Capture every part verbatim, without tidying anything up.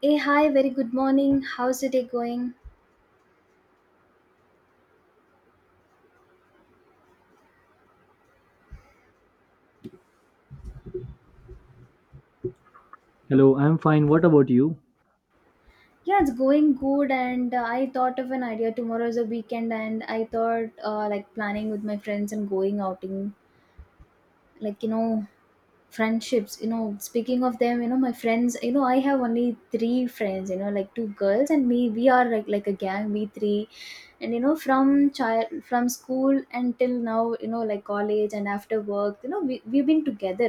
Hey, hi, very good morning. How's the day going? Hello, I'm fine. What about you? Yeah, it's going good. And uh, I thought of an idea. Tomorrow is a weekend, and I thought uh, like planning with my friends and going outing. Like, you know, friendships. You know, speaking of them, you know, my friends, you know, I have only three friends, you know, like two girls and me. We are like, like a gang, we three. And you know from child from school until now, you know like college, and after work, you know we, we've been together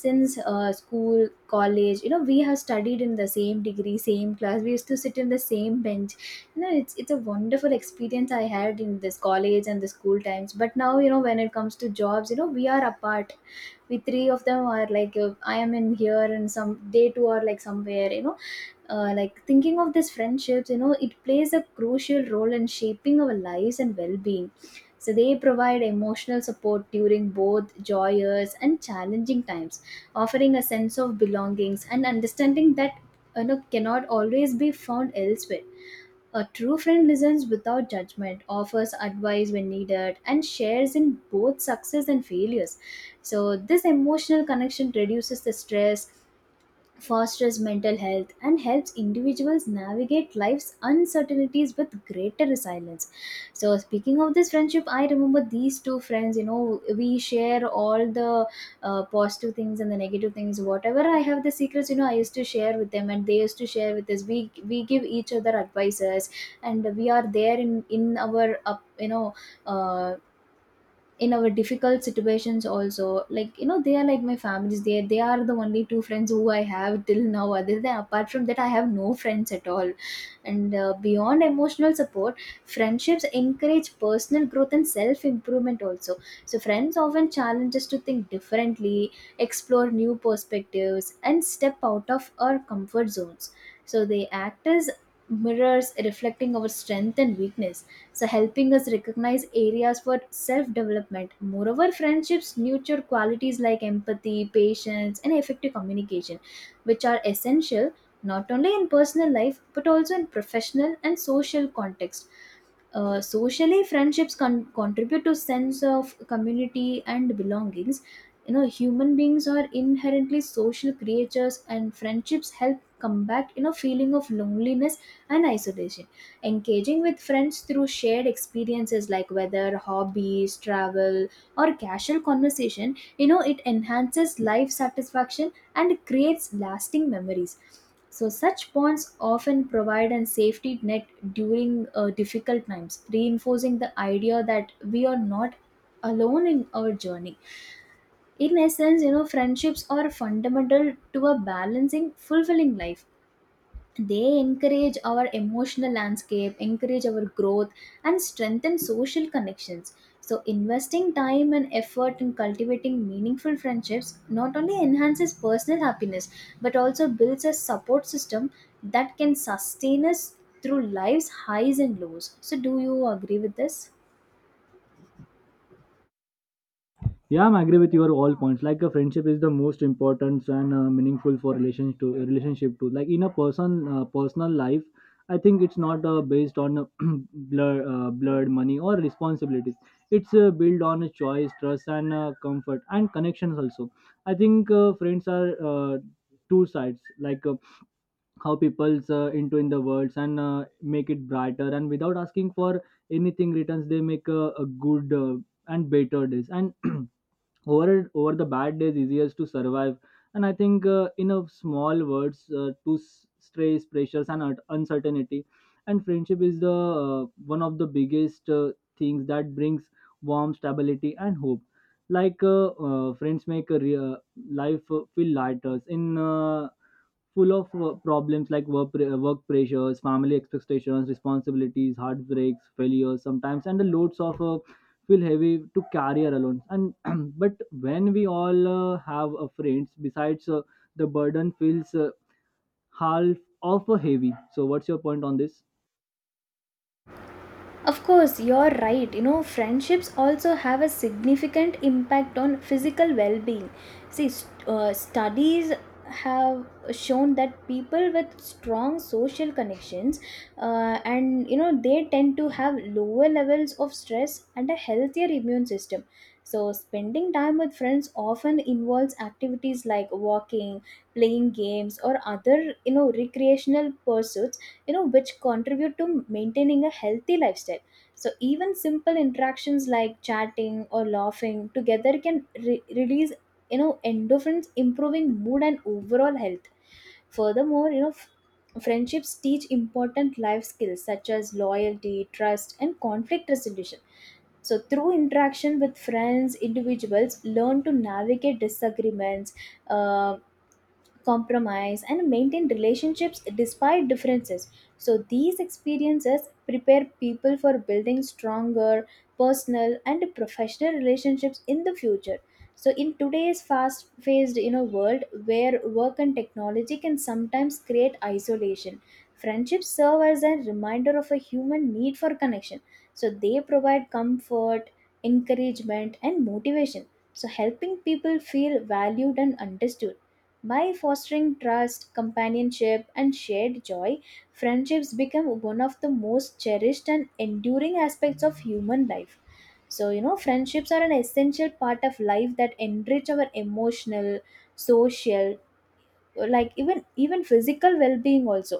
since uh, school college. You know we have studied in the same degree, same class. We used to sit in the same bench. you know it's it's a wonderful experience I had in this college and the school times. But now, you know when it comes to jobs, you know we are apart. We three of them are like, uh, I am in here, and some, they two are like somewhere. You know uh, like thinking of these friendships, you know it plays a crucial role in shaping our lives and well-being. So they provide emotional support during both joyous and challenging times, offering a sense of belongings and understanding that you know cannot always be found elsewhere. A true friend listens without judgment, offers advice when needed, and shares in both success and failures. So this emotional connection reduces the stress, fosters mental health, and helps individuals navigate life's uncertainties with greater resilience. So speaking of this friendship, I remember these two friends. You know we share all the uh, positive things and the negative things. Whatever I have, the secrets, you know I used to share with them, and they used to share with us. We we give each other advices. And we are there in in our up, you know uh in our difficult situations also. Like, you know they are like my families. They they are the only two friends who I have till now, other than, apart from that, I have no friends at all. And uh, beyond emotional support, friendships encourage personal growth and self improvement also. So friends often challenge us to think differently, explore new perspectives, and step out of our comfort zones. So they act as mirrors, reflecting our strength and weakness, so helping us recognize areas for self development. Moreover, friendships nurture qualities like empathy, patience, and effective communication, which are essential not only in personal life but also in professional and social context. Uh, socially, friendships con- contribute to sense of community and belongings. You know, human beings are inherently social creatures, and friendships help combat you know feeling of loneliness and isolation. Engaging with friends through shared experiences like weather, hobbies, travel, or casual conversation, you know, it enhances life satisfaction and creates lasting memories. So, such bonds often provide a safety net during uh, difficult times, reinforcing the idea that we are not alone in our journey. In essence, you know, friendships are fundamental to a balancing, fulfilling life. They encourage our emotional landscape, encourage our growth, and strengthen social connections. So, investing time and effort in cultivating meaningful friendships not only enhances personal happiness but also builds a support system that can sustain us through life's highs and lows. So, do you agree with this? Yeah, I agree with your all points. Like a friendship is the most important and uh, meaningful for relation to relationship to like in a person uh, personal life. I think it's not uh, based on uh, blur, uh, blood, money, or responsibilities. It's uh, built on a choice, trust, and uh, comfort, and connections also. I think uh, friends are uh, two sides. Like uh, how people's uh, into in the words and uh, make it brighter and without asking for anything returns, they make a, a good uh, and better days and over over the bad days easiest to survive. And I think uh, in a small words uh, to s- stress pressures and un- uncertainty. And friendship is the uh, one of the biggest uh, things that brings warm stability and hope. Like uh, uh, friends make a re- uh, life uh, feel lighter in uh, full of uh, problems like work, pre- uh, work pressures, family expectations, responsibilities, heartbreaks, failures sometimes, and the loads of uh, feel heavy to carry alone. And but when we all uh, have a friends, besides uh, the burden feels uh, half of a heavy. So what's your point on this? Of course, you're right. You know, friendships also have a significant impact on physical well being. See, st- uh, studies have shown that people with strong social connections uh, and you know they tend to have lower levels of stress and a healthier immune system. So spending time with friends often involves activities like walking, playing games, or other you know recreational pursuits, you know which contribute to maintaining a healthy lifestyle. So even simple interactions like chatting or laughing together can re- release you know endorphins, improving mood and overall health. Furthermore, you know f- friendships teach important life skills such as loyalty, trust, and conflict resolution. So, through interaction with friends, individuals learn to navigate disagreements, uh, compromise, and maintain relationships despite differences. So these experiences prepare people for building stronger personal and professional relationships in the future. So in today's fast paced you know world, where work and technology can sometimes create isolation, friendships serve as a reminder of a human need for connection. So they provide comfort, encouragement, and motivation, so helping people feel valued and understood. By fostering trust, companionship, and shared joy, friendships become one of the most cherished and enduring aspects of human life. So, you know, friendships are an essential part of life that enrich our emotional, social, like even even physical well-being also.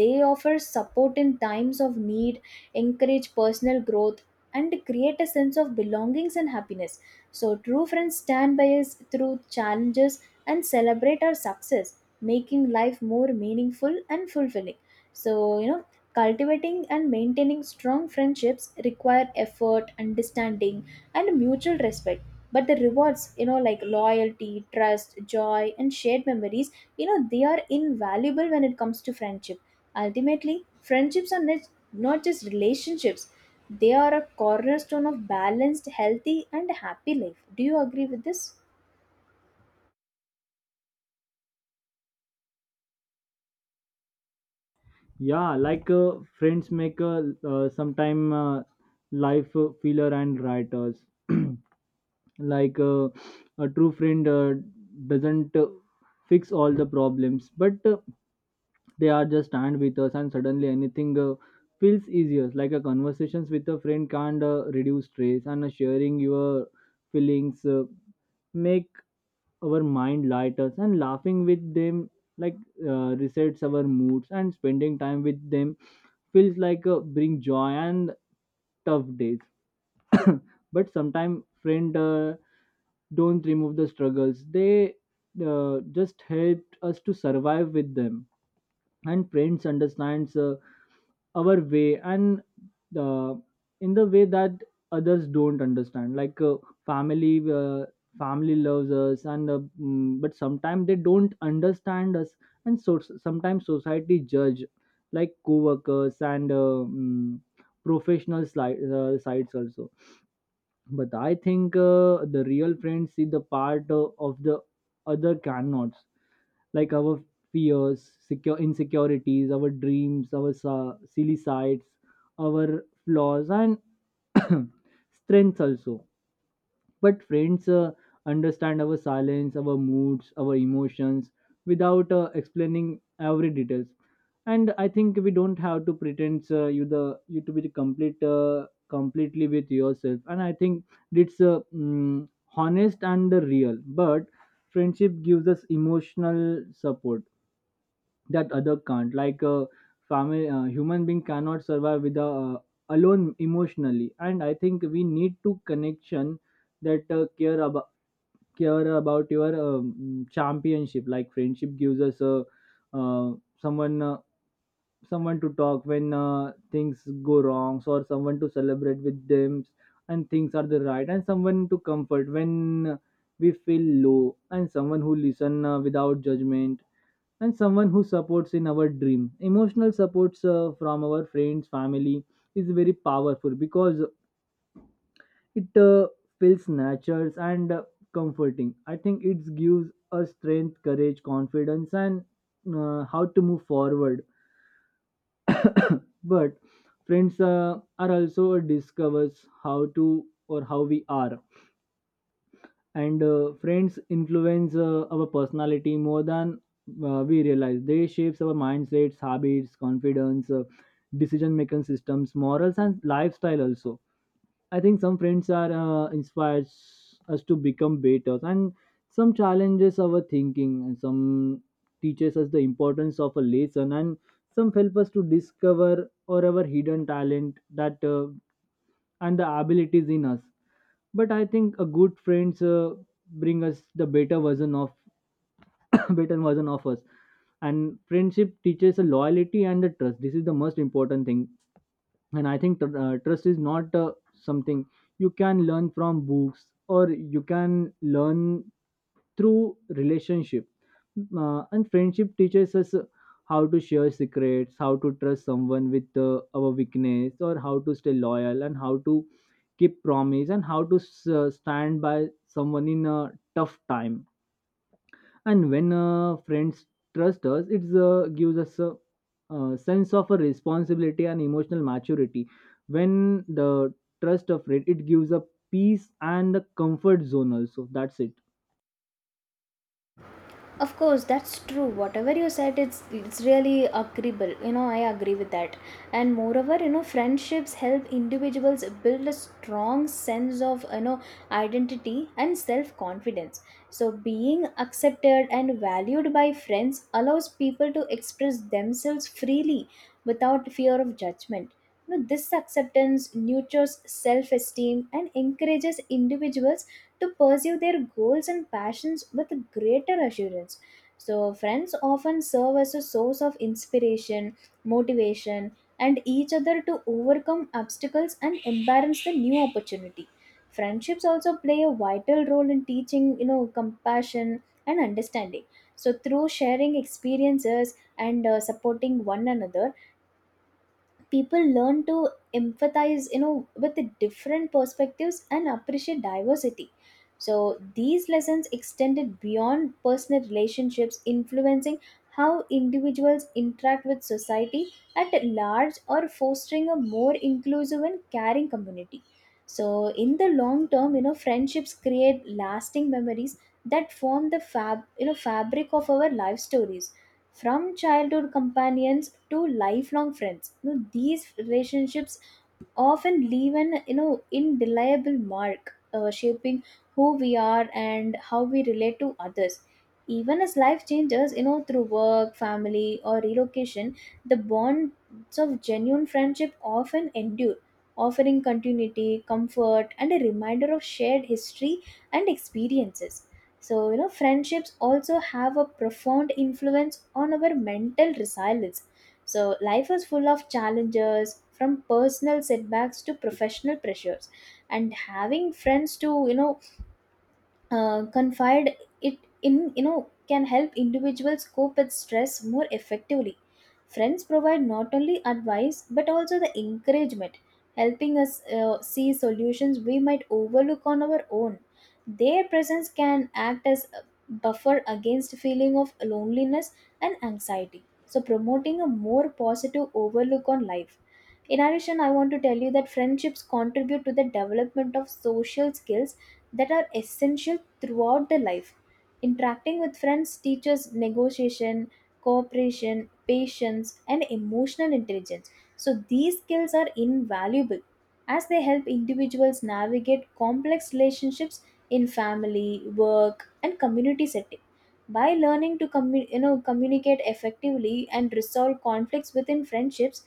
They offer support in times of need, encourage personal growth, and create a sense of belongings and happiness. So true friends stand by us through challenges and celebrate our success, making life more meaningful and fulfilling. So you know cultivating and maintaining strong friendships require effort, understanding, and mutual respect. But the rewards, you know, like loyalty, trust, joy, and shared memories, you know, they are invaluable when it comes to friendship. Ultimately, friendships are not not just relationships, they are a cornerstone of balanced, healthy, and happy life. Do you agree with this? Yeah, like uh, friends make uh, uh, sometime uh, life uh, filler and writers. like uh, a true friend uh, doesn't uh, fix all the problems, but uh, they are just stand with us and suddenly anything uh, feels easier. Like a conversations with a friend can't uh, reduce stress, and uh, sharing your feelings uh, make our mind lighter, and laughing with them like uh, resets our moods, and spending time with them feels like uh, bring joy and tough days. But sometimes friend uh, don't remove the struggles, they uh, just helped us to survive with them. And friends understands uh, our way and uh, in the way that others don't understand. Like uh, family, uh, family loves us, and uh, mm, but sometimes they don't understand us. And so sometimes society judge, like co-workers and uh, mm, professional sli- uh, sites also. But I think uh, the real friends see the part uh, of the other cannot. Like our fears, secure insecurities, our dreams, our sa- silly sides, our flaws, and strengths also. But friends uh, understand our silence, our moods, our emotions without uh, explaining every details. And I think we don't have to pretend, uh, you the you to be the complete uh, completely with yourself. And I think it's uh, mm, honest and the real. But friendship gives us emotional support that other can't. Like a family, uh, human being cannot survive with a, uh, alone emotionally. And I think we need to connection that uh, care about care about your um, championship. Like friendship gives us a uh, someone uh, someone to talk when uh, things go wrong, or someone to celebrate with them and things are the right, and someone to comfort when we feel low, and someone who listen uh, without judgment, and someone who supports in our dream. Emotional supports uh, from our friends family is very powerful because it uh, feels natural and uh, comforting. I think it gives us strength, courage, confidence, and uh, how to move forward. But friends uh, are also discovers how to or how we are. And uh, friends influence uh, our personality more than uh, we realize. They shapes our mindsets, habits, confidence, uh, decision making systems, morals, and lifestyle also. I think some friends are uh, inspires us to become better, and some challenges our thinking, and some teaches us the importance of a lesson, and some help us to discover or our hidden talent that uh, and the abilities in us. But I think a good friends uh, bring us the better version of better version of us. And friendship teaches a loyalty and the trust. This is the most important thing. And I think tr- uh, trust is not uh, something you can learn from books, or you can learn through relationship. Mm. Uh, and friendship teaches us uh, how to share secrets, how to trust someone with uh, our weakness, or how to stay loyal, and how to keep promise, and how to s- uh, stand by someone in a tough time. And when uh, friends trust us, it uh, gives us a, uh sense of a responsibility and emotional maturity. When the trust of it, it gives a peace and a comfort zone also. That's it. Of course, that's true. Whatever you said, it's it's really agreeable. You know, I agree with that. And moreover, you know, friendships help individuals build a strong sense of you know identity and self confidence. So, being accepted and valued by friends allows people to express themselves freely without fear of judgment. You know, this acceptance nurtures self esteem and encourages individuals to pursue their goals and passions with greater assurance. So, friends often serve as a source of inspiration, motivation, and each other to overcome obstacles and embrace the new opportunity. Friendships also play a vital role in teaching, you know, compassion and understanding. So, through sharing experiences and uh, supporting one another, people learn to empathize you know with the different perspectives and appreciate diversity. So these lessons extended beyond personal relationships, influencing how individuals interact with society at large, or fostering a more inclusive and caring community. So in the long term, you know friendships create lasting memories that form the fab you know fabric of our life stories, from childhood companions to lifelong friends. You know, these relationships often leave an you know indelible mark, uh, shaping who we are and how we relate to others, even as life changes you know through work, family, or relocation. The bonds of genuine friendship often endure, offering continuity, comfort, and a reminder of shared history and experiences. So you know friendships also have a profound influence on our mental resilience. So, life is full of challenges, from personal setbacks to professional pressures, and having friends to, you know, uh, confide it in, you know can help individuals cope with stress more effectively. Friends provide not only advice but also the encouragement, helping us uh, see solutions we might overlook on our own. Their presence can act as a buffer against feeling of loneliness and anxiety, so promoting a more positive overlook on life. In addition, I want to tell you that friendships contribute to the development of social skills that are essential throughout the life. Interacting with friends teaches negotiation, cooperation, patience, and emotional intelligence. So, these skills are invaluable as they help individuals navigate complex relationships in family, work, and community setting. By learning to commu- you know, communicate effectively and resolve conflicts within friendships,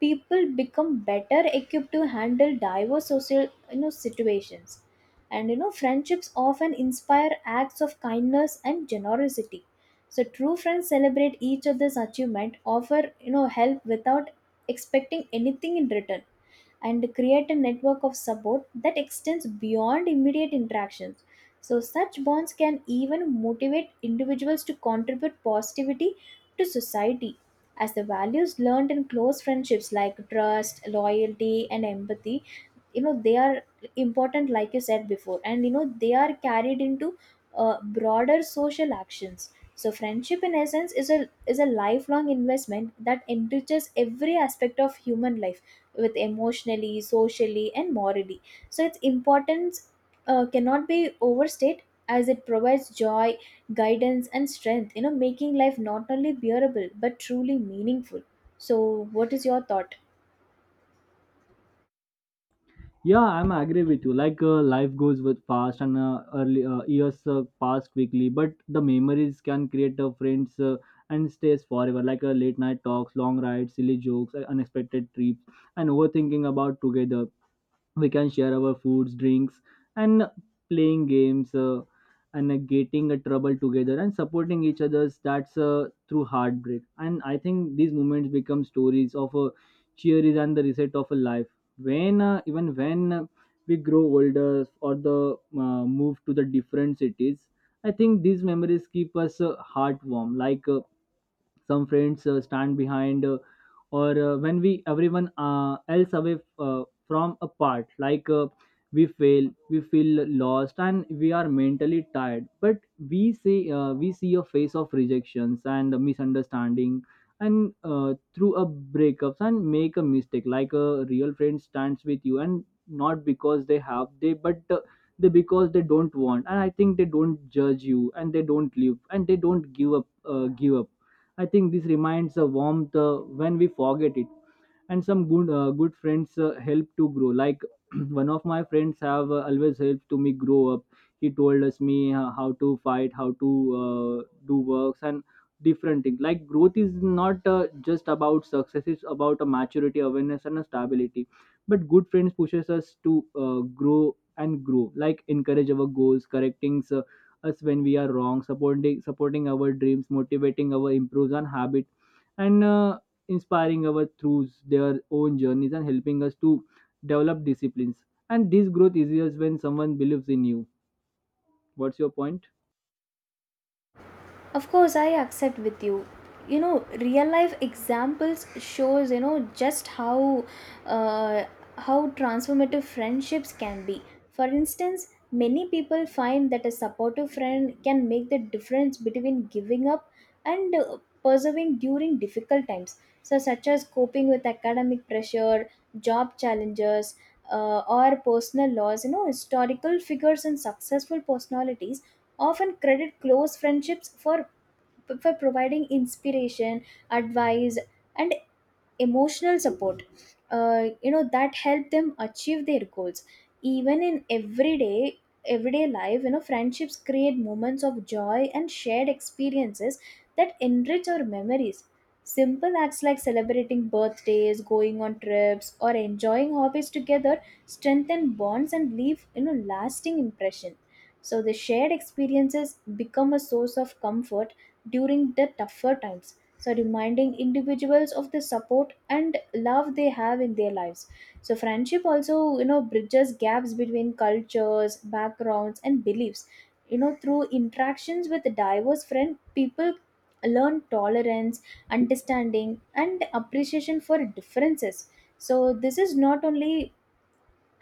people become better equipped to handle diverse social you know, situations. And you know, friendships often inspire acts of kindness and generosity. So true friends celebrate each other's achievement, offer you know help without expecting anything in return, and create a network of support that extends beyond immediate interactions. So, such bonds can even motivate individuals to contribute positivity to society, as the values learned in close friendships like trust, loyalty, and empathy you know they are important like you said before, and you know they are carried into uh, broader social actions. So friendship in essence is a is a lifelong investment that enriches every aspect of human life, with emotionally, socially, and morally. So its importance uh, cannot be overstated, as it provides joy, guidance, and strength, you know making life not only bearable but truly meaningful. So what is your thought? Yeah, I'm agree with you. Like uh, life goes with fast, and uh, early uh, years uh, pass quickly, but the memories can create uh, friends uh, and stays forever. Like uh, late night talks, long rides, silly jokes, uh, unexpected trips, and overthinking about together. We can share our foods, drinks, and playing games, uh, and uh, getting a trouble together and supporting each other's. That's uh, through heartbreak. And I think these moments become stories of a cheeries and the reset of a life. When uh, even when we grow older, or the uh, move to the different cities, I think these memories keep us uh, heart warm. Like uh, some friends uh, stand behind, uh, or uh, when we everyone uh, else away uh, from apart. Like uh, we fail, we feel lost, and we are mentally tired. But we see uh, we see a face of rejections and misunderstanding, and uh, through a breakups and make a mistake, like a real friend stands with you. And not because they have they, but uh, they because they don't want. And I think they don't judge you, and they don't leave, and they don't give up uh, give up I think this reminds a warmth uh, when we forget it. And some good uh, good friends uh, help to grow. Like one of my friends have uh, always helped to me grow up. He told us me uh, how to fight, how to uh, do works, and different things. Like growth is not uh, just about success. It's about a maturity, awareness, and a stability. But good friends pushes us to uh, grow and grow, like encourage our goals, correcting uh, us when we are wrong, supporting supporting our dreams, motivating our improves on habit, and uh, inspiring us through their own journeys, and helping us to develop disciplines. And this growth is easier when someone believes in you. What's your point? Of course, I accept with you. You know real life examples shows, you know just how uh, how transformative friendships can be. For instance, many people find that a supportive friend can make the difference between giving up and uh, persevering during difficult times, so such as coping with academic pressure, job challenges, uh, or personal loss. you know historical figures and successful personalities often credit close friendships for for providing inspiration, advice, and emotional support, uh, you know that help them achieve their goals. Even in everyday everyday life, you know friendships create moments of joy and shared experiences that enrich our memories. Simple acts like celebrating birthdays, going on trips, or enjoying hobbies together strengthen bonds and leave, you know lasting impression. So the shared experiences become a source of comfort during the tougher times. So, reminding individuals of the support and love they have in their lives. So, friendship also, you know, bridges gaps between cultures, backgrounds, and beliefs. You know, through interactions with diverse friend, people learn tolerance, understanding, and appreciation for differences. So, this is not only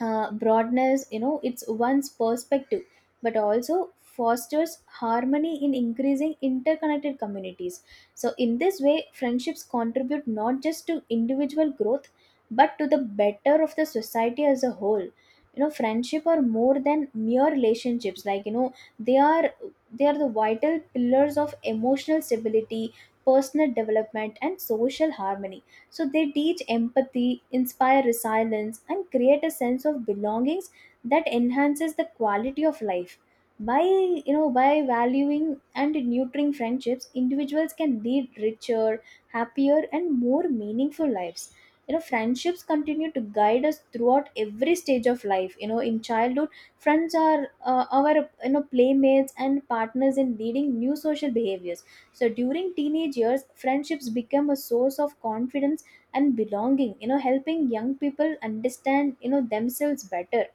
uh, broadness, you know it's one's perspective, but also fosters harmony in increasing interconnected communities. So in this way friendships contribute not just to individual growth, but to the better of the society as a whole. you know friendship are more than mere relationships, like you know they are they are the vital pillars of emotional stability, personal development, and social harmony. So they teach empathy, inspire resilience, and create a sense of belongings that enhances the quality of life. By you know, by valuing and nurturing friendships, individuals can lead richer, happier, and more meaningful lives. You know, friendships continue to guide us throughout every stage of life. You know, in childhood, friends are uh, our you know playmates and partners in leading new social behaviors. So during teenage years, friendships become a source of confidence and belonging, you know helping young people understand, you know themselves better.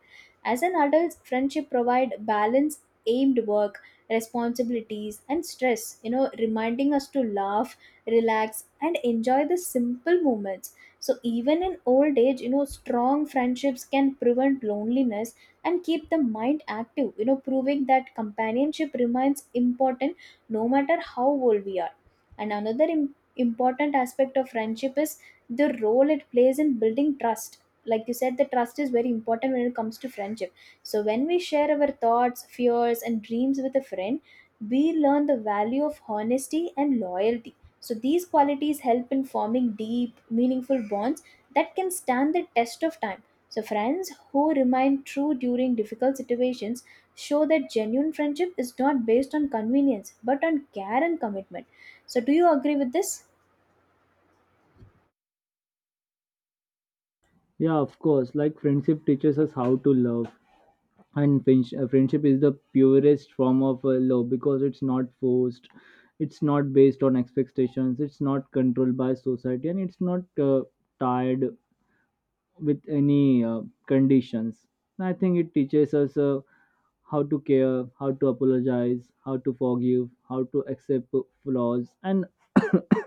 As an adult, friendship provide balance, aimed work responsibilities, and stress, you know reminding us to laugh, relax, and enjoy the simple moments. So even in old age, you know strong friendships can prevent loneliness and keep the mind active, you know proving that companionship remains important no matter how old we are. And another im- important aspect of friendship is the role it plays in building trust. Like you said, the trust is very important when it comes to friendship. So when we share our thoughts, fears, and dreams with a friend, we learn the value of honesty and loyalty. So these qualities help in forming deep, meaningful bonds that can stand the test of time. So friends who remain true during difficult situations show that genuine friendship is not based on convenience but on care and commitment. So do you agree with this? Yeah, of course. Like friendship teaches us how to love, and friendsh- uh, friendship is the purest form of uh, love because it's not forced, it's not based on expectations, it's not controlled by society, and it's not uh, tied with any uh, conditions. And I think it teaches us. Uh, how to care, how to apologize, how to forgive, how to accept flaws, and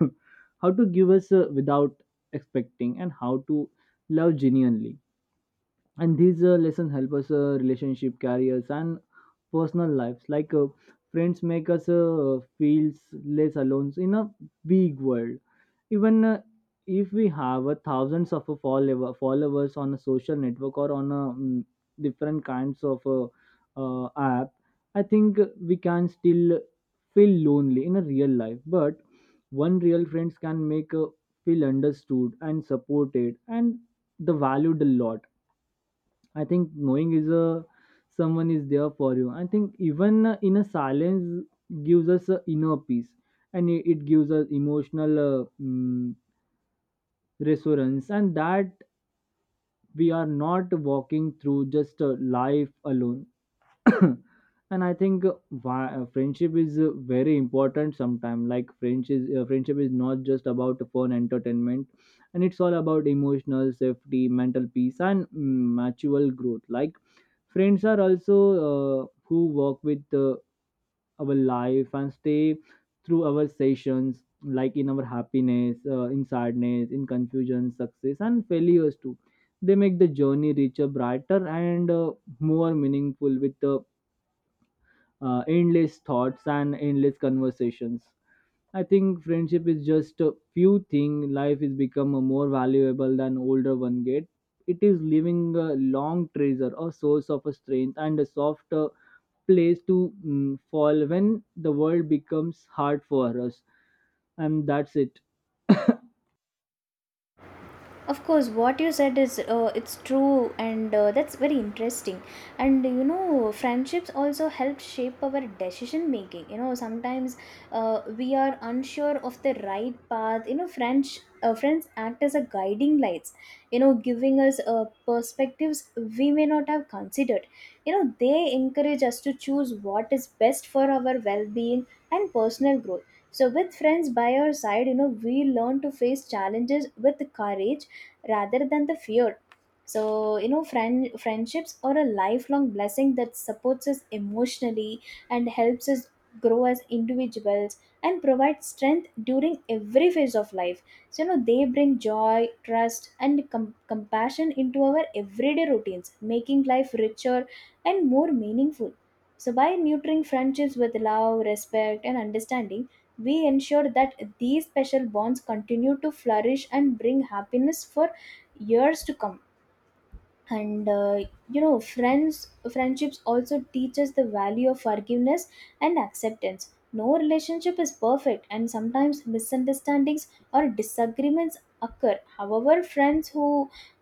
how to give us uh, without expecting, and how to love genuinely. And these uh, lessons help us uh, relationship, careers, and personal lives. Like uh, friends make us uh, feel less alone in a big world. Even uh, if we have a thousands of uh, follower, followers on a social network, or on a mm, different kinds of uh, uh, app, I think we can still feel lonely in a real life. But one real friends can make uh, feel understood and supported and the valued a lot. I think knowing is a someone is there for you. I think even uh, in a silence gives us a inner peace, and it, it gives us emotional uh, mm, resonance, and that we are not walking through just uh, life alone. And I think uh, why, uh, friendship is uh, very important sometimes. Like friends is, uh, friendship is not just about fun entertainment, and it's all about emotional safety, mental peace, and mm, mutual growth. Like friends are also uh, who work with uh, our life and stay through our sessions, like in our happiness, uh, in sadness, in confusion, success, and failures too. They make the journey richer, brighter, and uh, more meaningful, with uh, uh, endless thoughts and endless conversations. I think friendship is just a few thing. Life is become a more valuable than older one get. It is leaving a long treasure, a source of a strength, and a soft uh, place to mm, fall when the world becomes hard for us. And that's it. Of course, what you said is uh, it's true, and uh, that's very interesting. And you know friendships also help shape our decision making. you know sometimes uh, we are unsure of the right path. you know french uh, friends act as a guiding lights, you know giving us uh, perspectives we may not have considered. you know they encourage us to choose what is best for our well-being and personal growth. So with friends by our side, you know we learn to face challenges with courage rather than the fear. So you know friend friendships are a lifelong blessing that supports us emotionally, and helps us grow as individuals, and provide strength during every phase of life. So you know they bring joy, trust, and com- compassion into our everyday routines, making life richer and more meaningful. So by nurturing friendships with love, respect, and understanding, we ensure that these special bonds continue to flourish and bring happiness for years to come. And uh, you know friends friendships also teaches the value of forgiveness and acceptance. No relationship is perfect, and sometimes misunderstandings or disagreements occur. However, friends who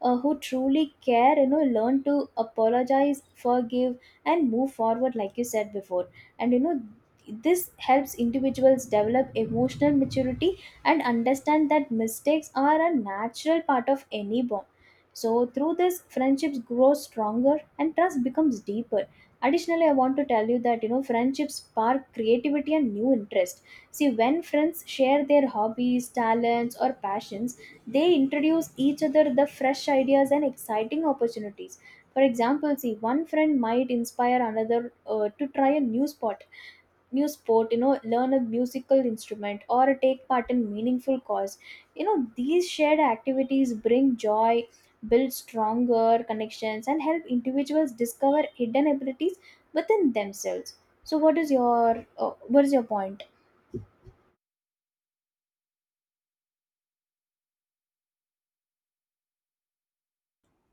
uh, who truly care, you know learn to apologize, forgive, and move forward, like you said before. And you know this helps individuals develop emotional maturity and understand that mistakes are a natural part of any bond. So through this, friendships grow stronger and trust becomes deeper. Additionally, I want to tell you that you know friendships spark creativity and new interest. See, when friends share their hobbies, talents, or passions, they introduce each other the fresh ideas and exciting opportunities. For example, see, one friend might inspire another uh, to try a new spot new sport, you know learn a musical instrument, or take part in meaningful cause. you know these shared activities bring joy, build stronger connections, and help individuals discover hidden abilities within themselves. So, what is your uh, what is your point?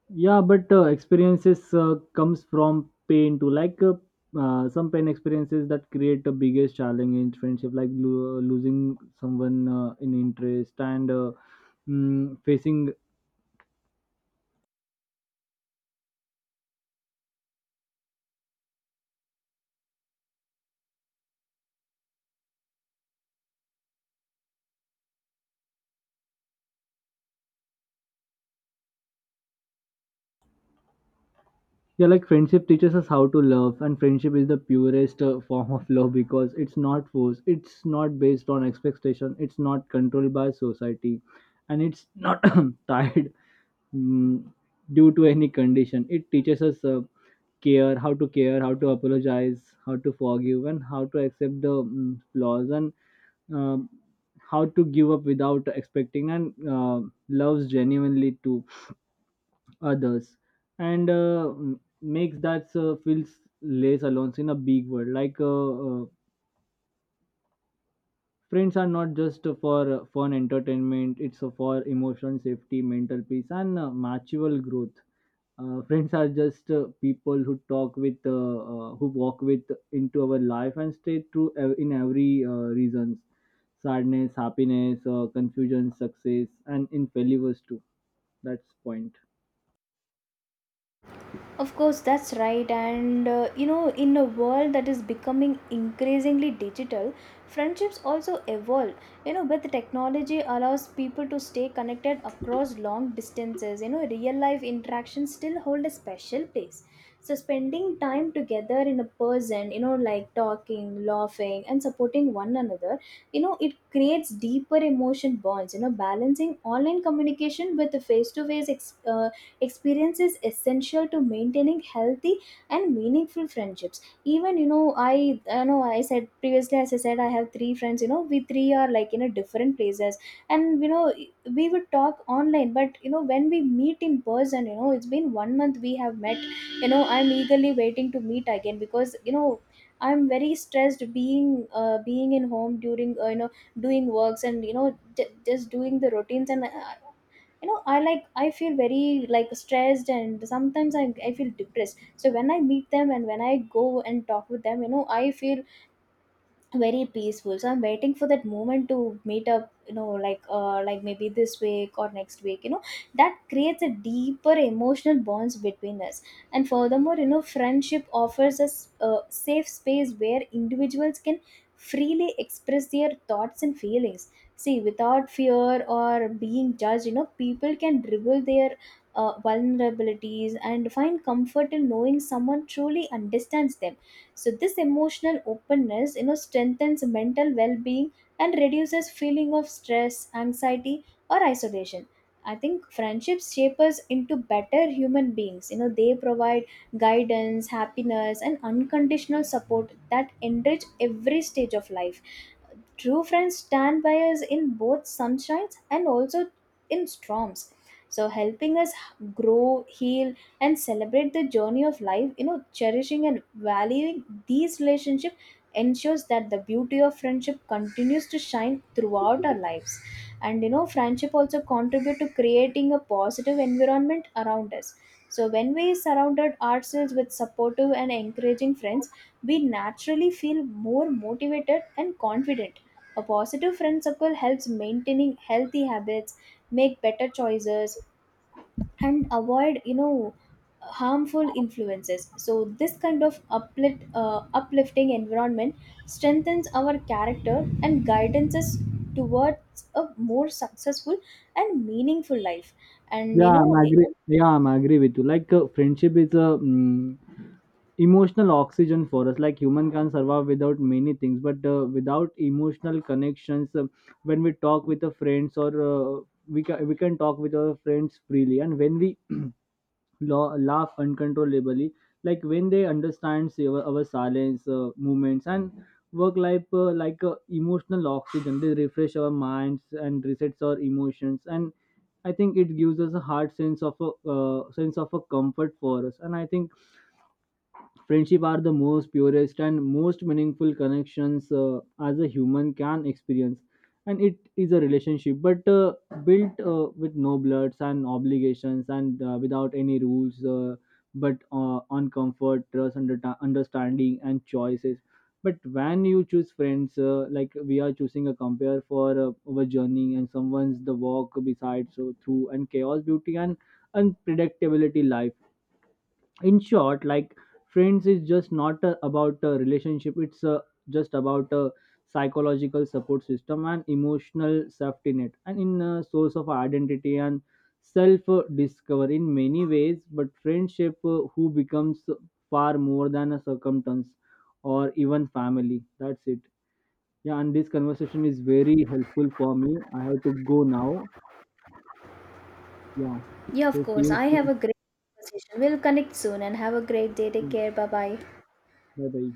Yeah, but uh, experiences uh, comes from pain too. Like uh, uh, some pain experiences that create the biggest challenge in friendship, like lo- losing someone uh, in interest, and uh, mm, facing. Yeah, like friendship teaches us how to love, and friendship is the purest uh, form of love because it's not forced, it's not based on expectation, it's not controlled by society, and it's not tied mm, due to any condition. It teaches us uh, care, how to care, how to apologize, how to forgive, and how to accept the mm, flaws, and um, how to give up without expecting, and uh, loves genuinely too others. And uh, m- makes that uh, feels less alone in a big world. Like uh, uh, friends are not just for uh, fun entertainment. It's uh, for emotional safety, mental peace, and uh, mutual growth. Uh, friends are just uh, people who talk with uh, uh, who walk with into our life and stay true ev- in every uh, reasons, sadness, happiness, uh, confusion, success, and in failures too. That's point. Of course, that's right. And uh, you know, in a world that is becoming increasingly digital, friendships also evolve. You know, with technology allows people to stay connected across long distances. You know, real life interactions still hold a special place. So, spending time together in a person, you know, like talking, laughing, and supporting one another, you know, it creates deeper emotion bonds. You know, balancing online communication with the face to face experience is essential to maintaining healthy and meaningful friendships. Even you know i you know I said previously, as I said, I have three friends. You know, we three are like in a different places. And you know we would talk online, but you know when we meet in person, you know it's been one month we have met. you know I'm eagerly waiting to meet again, because you know I'm very stressed being uh, being in home during uh, you know doing works, and you know j- just doing the routines, and uh, you know I like I feel very like stressed, and sometimes I, I feel depressed. So when I meet them and when I go and talk with them, you know I feel very peaceful. So I'm waiting for that moment to meet up, you know like uh, like maybe this week or next week. you know that creates a deeper emotional bonds between us. And furthermore, you know friendship offers us a safe space where individuals can freely express their thoughts and feelings. See, without fear or being judged, you know people can reveal their uh, vulnerabilities and find comfort in knowing someone truly understands them. So this emotional openness, you know, strengthens mental well-being and reduces feeling of stress, anxiety, or isolation. I think friendships shape us into better human beings. You know, they provide guidance, happiness, and unconditional support that enrich every stage of life. True friends stand by us in both sunshines and also in storms. So helping us grow, heal, and celebrate the journey of life, you know, cherishing and valuing these relationships ensures that the beauty of friendship continues to shine throughout our lives. And you know, friendship also contribute to creating a positive environment around us. So when we surrounded ourselves with supportive and encouraging friends, we naturally feel more motivated and confident. A positive friend circle helps maintaining healthy habits, make better choices, and avoid, you know harmful influences. So this kind of uplift, uh, uplifting environment strengthens our character and guides us towards a more successful and meaningful life. And Yeah, you I'm know, agree. Yeah, I'm agree with you. Like uh, friendship is a mm, emotional oxygen for us. Like human can survive without many things, but uh, without emotional connections, uh, when we talk with the friends, or uh, we can we can talk with our friends freely, and when we laugh, laugh uncontrollably, like when they understand our, our silence uh, movements and work life, uh, like uh, emotional oxygen, they refresh our minds and resets our emotions. And I think it gives us a hard sense of a uh, sense of a comfort for us. And I think friendship are the most purest and most meaningful connections uh, as a human can experience. And it is a relationship, but uh, built uh, with no bloods and obligations, and uh, without any rules, uh, but uh, on comfort, trust, under- understanding, and choices. But when you choose friends, uh, like we are choosing a compare for uh, our journey, and someone's the walk beside, so through and chaos, beauty, and unpredictability life. In short, like friends is just not uh, about a relationship. It's uh, just about a psychological support system, and emotional safety net, and in a source of identity, and self uh, discover in many ways. But friendship uh, who becomes far more than a circumstance or even family. That's it. Yeah, and this conversation is very helpful for me. I have to go now. Yeah. yeah, So of see course, you I have soon. a great conversation. We'll connect soon and have a great day. Take care. Bye bye. Bye bye.